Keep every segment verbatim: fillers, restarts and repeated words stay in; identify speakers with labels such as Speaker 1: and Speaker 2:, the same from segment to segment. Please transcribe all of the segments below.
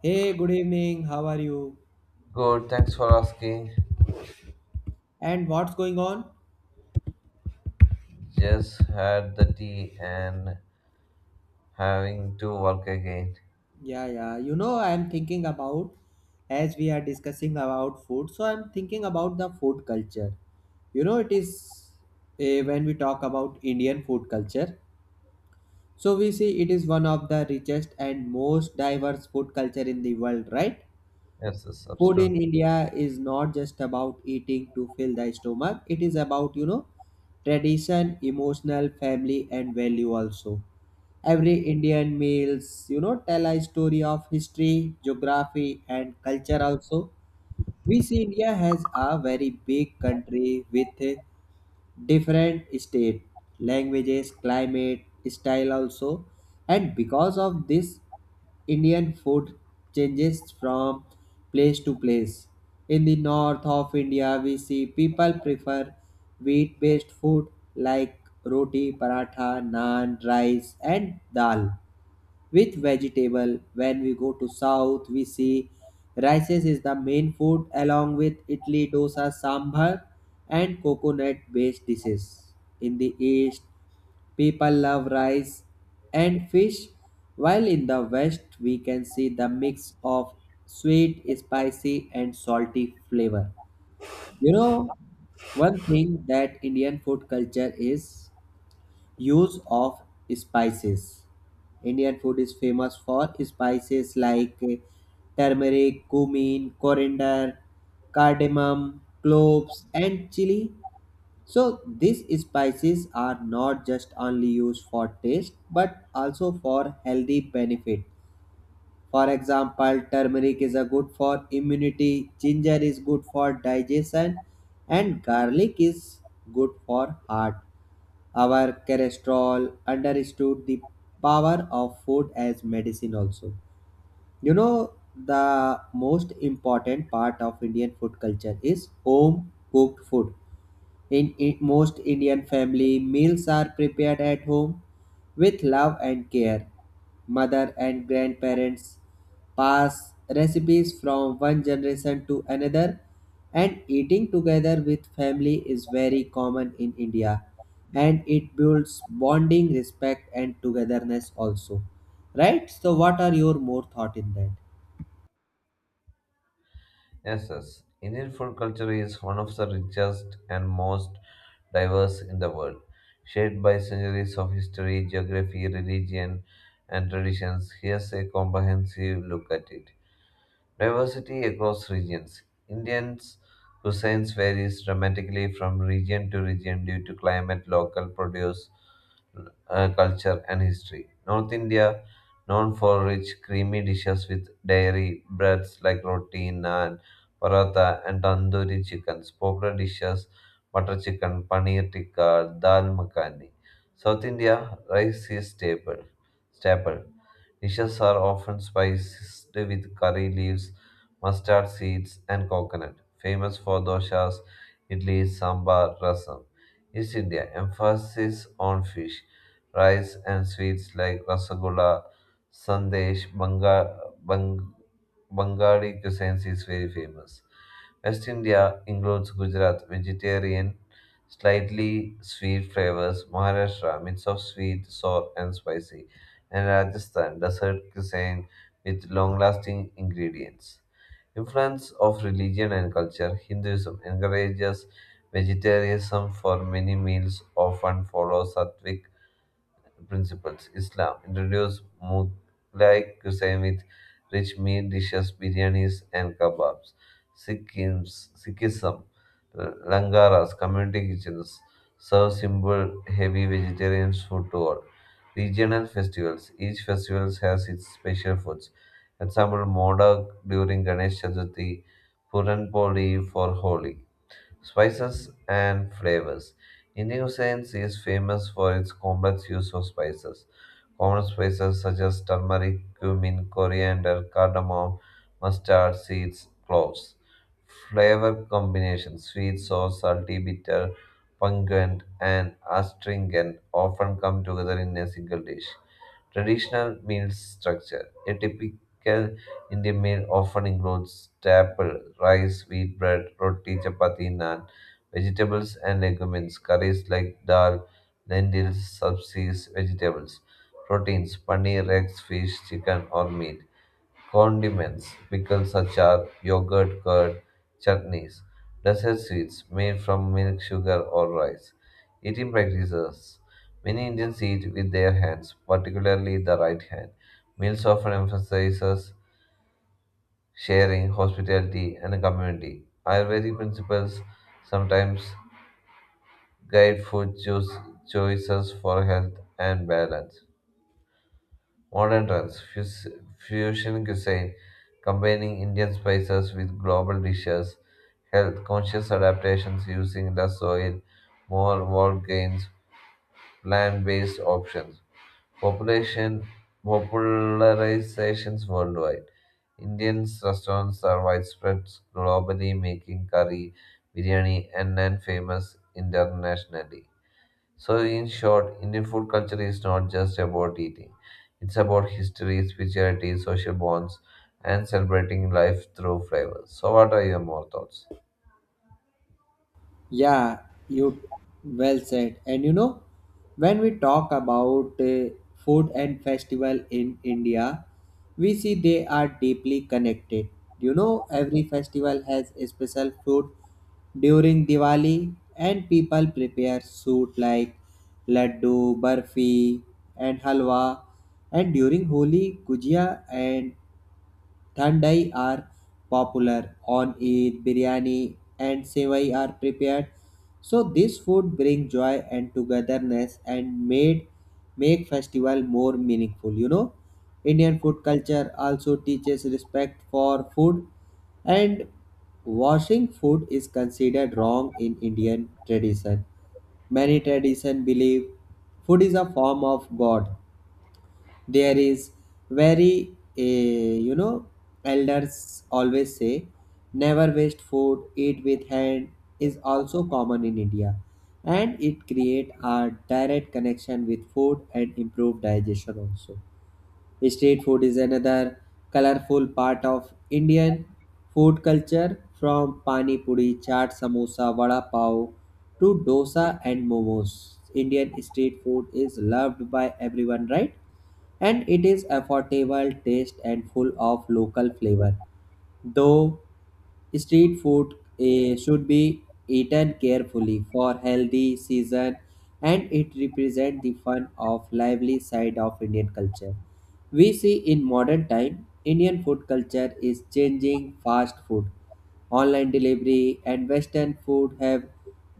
Speaker 1: Hey, good evening. How are you?
Speaker 2: Good, thanks for asking.
Speaker 1: And what's going on?
Speaker 2: Just had the tea and having to work again.
Speaker 1: Yeah, yeah. You know, I'm thinking about as we are discussing about food, so I'm thinking about the food culture. You know, it is eh, when we talk about Indian food culture, so we see it is one of the richest and most diverse food culture in the world, right?
Speaker 2: Yes, yes,
Speaker 1: Food in
Speaker 2: absolutely.
Speaker 1: India is not just about eating to fill the stomach, it is about, you know, tradition, emotional, family, and value also. Every Indian meals, you know, tell a story of history, geography, and culture also. We see India has a very big country with different state languages climate style also, and because of this Indian food changes from place to place. In the north of India, we see people prefer wheat based food like roti paratha, naan, rice, and dal with vegetable. When we go to south, we see rices is the main food along with idli, dosa, sambar, and coconut based dishes. In the east, people love rice and fish, while in the west we can see the mix of sweet, spicy, and salty flavor. You know, one thing that Indian food culture is use of spices. Indian food is famous for spices like uh, turmeric, cumin, coriander, cardamom, cloves, and chili. So these spices are not just only used for taste but also for healthy benefit. For example, turmeric is a good for immunity, ginger is good for digestion, and garlic is good for heart. Our cholesterol understood the power of food as medicine also. You know, the most important part of Indian food culture is home cooked food in I- most Indian family, meals are prepared at home with love and care. Mother and grandparents pass recipes from one generation to another, and eating together with family is very common in India. And it builds bonding, respect, and togetherness also. Right? So, what are your more thought in that?
Speaker 2: Yes, yes. Indian food culture is one of the richest and most diverse in the world. Shaped by centuries of history, geography, religion, and traditions, here's a comprehensive look at it. Diversity across regions. Indians' cuisines varies dramatically from region to region due to climate, local produce, uh, culture, and history. North India, known for rich, creamy dishes with dairy breads like roti, naan, paratha, and tandoori chickens. Popular dishes, butter chicken, paneer tikka, dal makhani. South India, rice is staple. staple Dishes are often spiced with curry leaves, mustard seeds, and coconut, famous for doshas, idli, sambar, rasam. East India emphasis on fish, rice, and sweets like rasagola, sandesh, banga, bang, Bengali cuisine is very famous. West India includes Gujarat, vegetarian, slightly sweet flavors, Maharashtra, mix of sweet, sour, and spicy and Rajasthan, desert cuisine with long-lasting ingredients. Influence of religion and culture, Hinduism encourages vegetarianism for many meals, often follow sattvic principles. Islam introduced Mughlai cuisine with rich meat dishes, biryanis, and kebabs. Sikhism, Sikhism uh, Langaras, community kitchens, serve simple, heavy vegetarian food to all. Regional festivals. Each festival has its special foods. Example, Modak during Ganesh Chaturthi, Puran Poli for Holi. Spices and flavors. Indian cuisine is famous for its complex use of spices. Common spices such as turmeric, cumin, coriander, cardamom, mustard, seeds, cloves. Flavor combinations sweet, sour, salty, bitter, pungent, and astringent often come together in a single dish. Traditional meal structure. A typical Indian meal often includes staple rice, wheat bread, roti, chapati, naan, vegetables and legumes, curries like dal, lentils, subsies, vegetables, proteins, paneer, eggs, fish, chicken or meat, condiments, pickles, achar, yogurt, curd, chutneys, dessert sweets made from milk, sugar or rice. Eating practices. Many Indians eat with their hands, particularly the right hand. Meals often emphasizes sharing, hospitality, and community. Ayurvedic principles sometimes guide food choose, choices for health and balance. Modern trends, fus- fusion cuisine, combining Indian spices with global dishes, health conscious adaptations using less oil, more whole grains, plant based options. Population popularizations worldwide. Indian restaurants are widespread globally, making curry, biryani, and naan famous internationally. So, in short, Indian food culture is not just about eating; it's about history, spirituality, social bonds, and celebrating life through flavor. So, what are your more thoughts?
Speaker 1: Yeah, you well said. And you know, when we talk about uh, food and festival in India, we see they are deeply connected. You know, every festival has a special food during Diwali, and people prepare soup like laddu, barfi, and halwa. And during Holi, gujia and Thandai are popular. On Eid, biryani and sevai are prepared. So this food bring joy and togetherness and made make festival more meaningful, you know. Indian food culture also teaches respect for food, and washing food is considered wrong in Indian tradition. Many tradition believe food is a form of God. There is very eh, you know elders always say never waste food. Eat with hand is also common in India, and it create a direct connection with food and improve digestion also. Street food is another colorful part of Indian food culture, from pani puri, chaat, samosa, vada pav to dosa and momos. Indian street food is loved by everyone, right? And it is affordable, taste and full of local flavor. Though street food eh, should be eaten carefully for healthy season, and it represents the fun of lively side of Indian culture. We see in modern time, Indian food culture is changing. Fast food, online delivery, and Western food have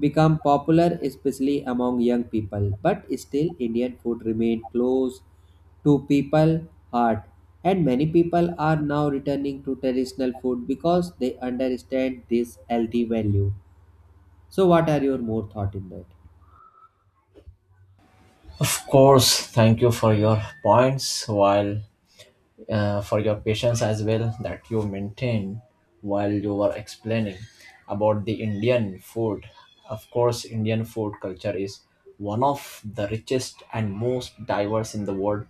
Speaker 1: become popular, especially among young people. But still, Indian food remains close to people heart, and many people are now returning to traditional food because they understand this healthy value. So what are your more thought in that?
Speaker 3: Of course, thank you for your points, while uh, for your patience as well that you maintained while you were explaining about the Indian food. Of course, Indian food culture is one of the richest and most diverse in the world.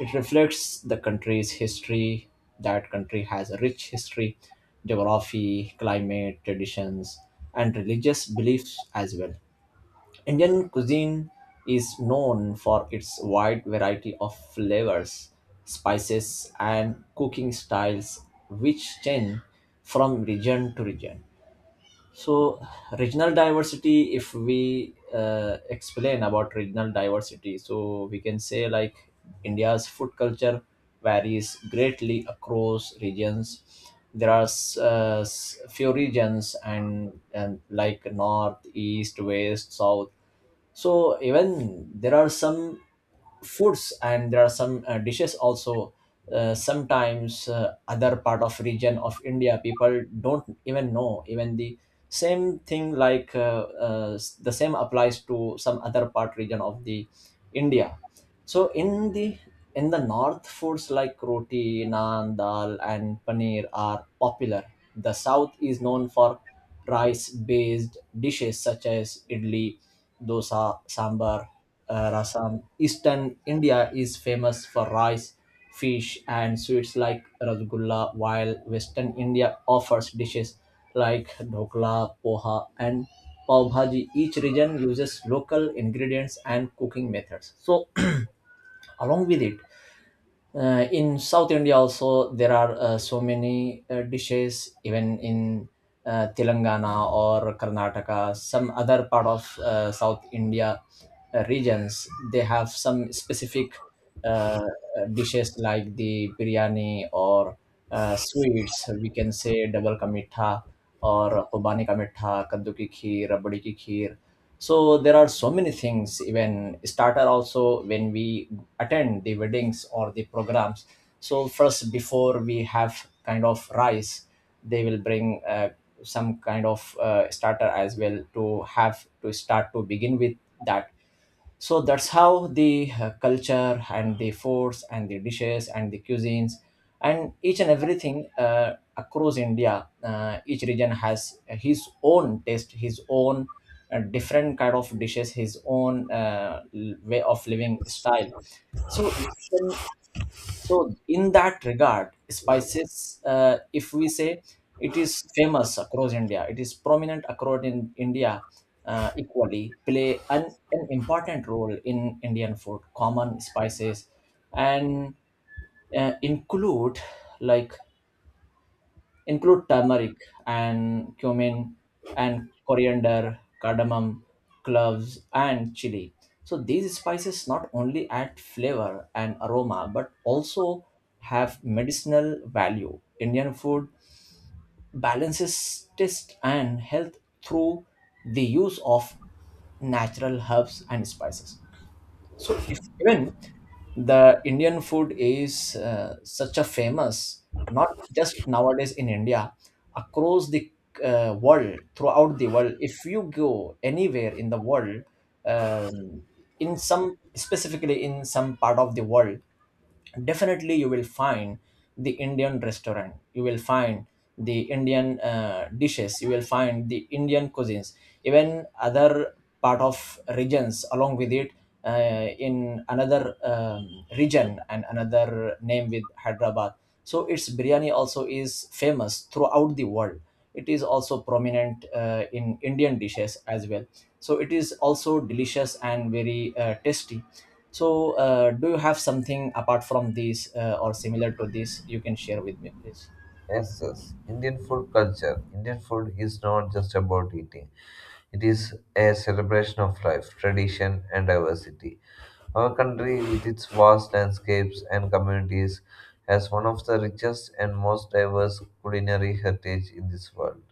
Speaker 3: It reflects the country's history. That country has a rich history, geography, climate, traditions, and religious beliefs as well. Indian cuisine is known for its wide variety of flavors, spices, and cooking styles, which change from region to region. So, regional diversity, if we uh, explain about regional diversity, so we can say like India's food culture varies greatly across regions. There are s- uh, s- few regions and, and like north, east, west, south, so even there are some foods and there are some uh, dishes also. Uh, sometimes uh, other part of region of India, people don't even know even the same thing, like uh, uh, s- the same applies to some other part region of the India. So in the in the north, foods like roti, naan, dal, and paneer are popular. The south is known for rice-based dishes such as idli, dosa, sambar, uh, rasam. Eastern India is famous for rice, fish, and sweets like rasgulla, while Western India offers dishes like dhokla, poha, and pav bhaji. Each region uses local ingredients and cooking methods. So along with it, uh, in south India also there are uh, so many uh, dishes, even in uh, Telangana or Karnataka, some other part of uh, south India uh, regions. They have some specific uh, dishes like the biryani or uh, sweets, we can say double ka mitha और खुबानी का मिठा कद्दू ki खीर रबड़ी की खीर. So there are so many things, even starter also. When we attend the weddings or the programs, so first, before we have kind of rice, they will bring uh, some kind of uh, starter as well to have, to start, to begin with that. So that's how the uh, culture and the foods and the dishes and the cuisines and each and everything uh, across India, uh, each region has his own taste, his own uh, different kind of dishes, his own uh, l- way of living style. So eastern, so in that regard, spices, uh, if we say, it is famous across India, it is prominent across in India uh, equally, play an, an important role in Indian food. Common spices and uh, include, like include turmeric and cumin and coriander, cardamom, cloves, and chili. So these spices not only add flavor and aroma but also have medicinal value. Indian food balances taste and health through the use of natural herbs and spices. So, if even the Indian food is uh, such a famous, not just nowadays in India, across the uh, world, throughout the world. If you go anywhere in the world, um, in some, specifically in some part of the world, definitely you will find the Indian restaurant, you will find the Indian uh, dishes, you will find the Indian cuisines. Even other part of regions along with it, uh, in another um, region and another name with Hyderabad, so its biryani also is famous throughout the world. It is also prominent uh, in Indian dishes as well. So it is also delicious and very uh, tasty. So uh, do you have something apart from this, uh, or similar to this, you can share with me please?
Speaker 2: Yes, yes. Indian food culture. Indian food is not just about eating. It is a celebration of life, tradition, and diversity. Our country, with its vast landscapes and communities, has one of the richest and most diverse culinary heritage in this world.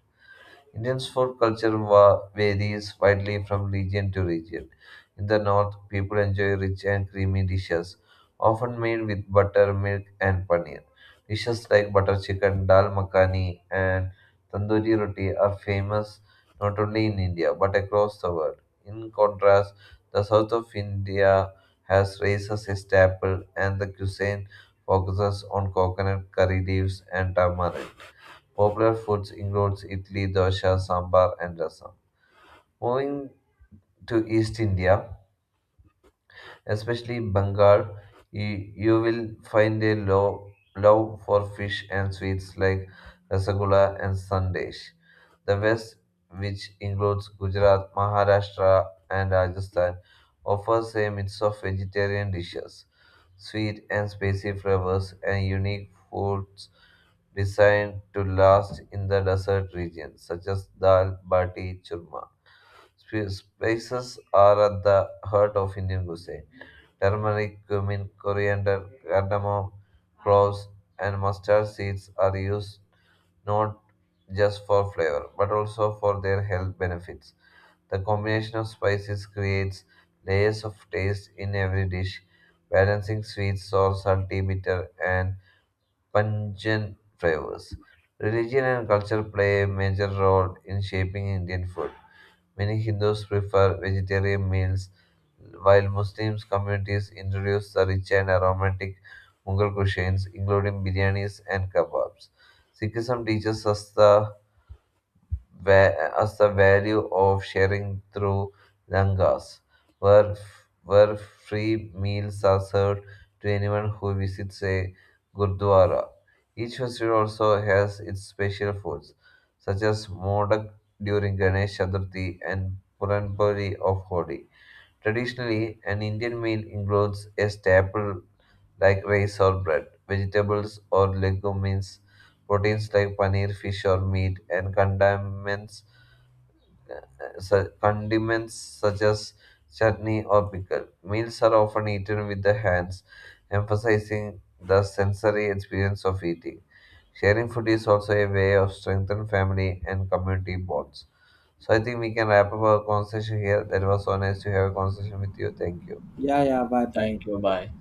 Speaker 2: Indians' food culture va- varies widely from region to region. In the north, people enjoy rich and creamy dishes, often made with butter, milk, and paneer. Dishes like butter chicken, dal makhani, and tandoori roti are famous not only in India but across the world. In contrast, the south of India has rice as a staple, and the cuisine focuses on coconut curry leaves and tamarind. Popular foods include idli, dosa, sambar, and rasam. Moving to East India, especially Bengal, you, you will find a lo- love for fish and sweets like rasgulla and sandesh. The West, which includes Gujarat, Maharashtra, and Rajasthan, offers a mix of vegetarian dishes, sweet and spicy flavors, and unique foods designed to last in the desert regions, such as dal, bati, churma. Sp- Spices are at the heart of Indian cuisine. Turmeric, cumin, coriander, cardamom, cloves, and mustard seeds are used not just for flavor but also for their health benefits. The combination of spices creates layers of taste in every dish, balancing sweet, sour, salty, bitter, and pungent flavors. Religion and culture play a major role in shaping Indian food. Many Hindus prefer vegetarian meals, while Muslim communities introduce the rich and aromatic Mughal cuisines, including biryanis and kebabs. Sikhism teaches us the va- us the value of sharing through langas, where, where free meals are served to anyone who visits a gurdwara. Each festival also has its special foods, such as modak during Ganesh Chaturthi and Puranpuri of Holi. Traditionally, an Indian meal includes a staple like rice or bread, vegetables or legumes, proteins like paneer, fish, or meat, and condiments uh, su- condiments such as chutney or pickle. Meals are often eaten with the hands, emphasizing the sensory experience of eating. Sharing food is also a way of strengthening family and community bonds. So I think we can wrap up our conversation here. That was so nice to have a conversation with you. Thank you.
Speaker 1: Yeah, yeah. Bye bye.
Speaker 3: Thank you, bye.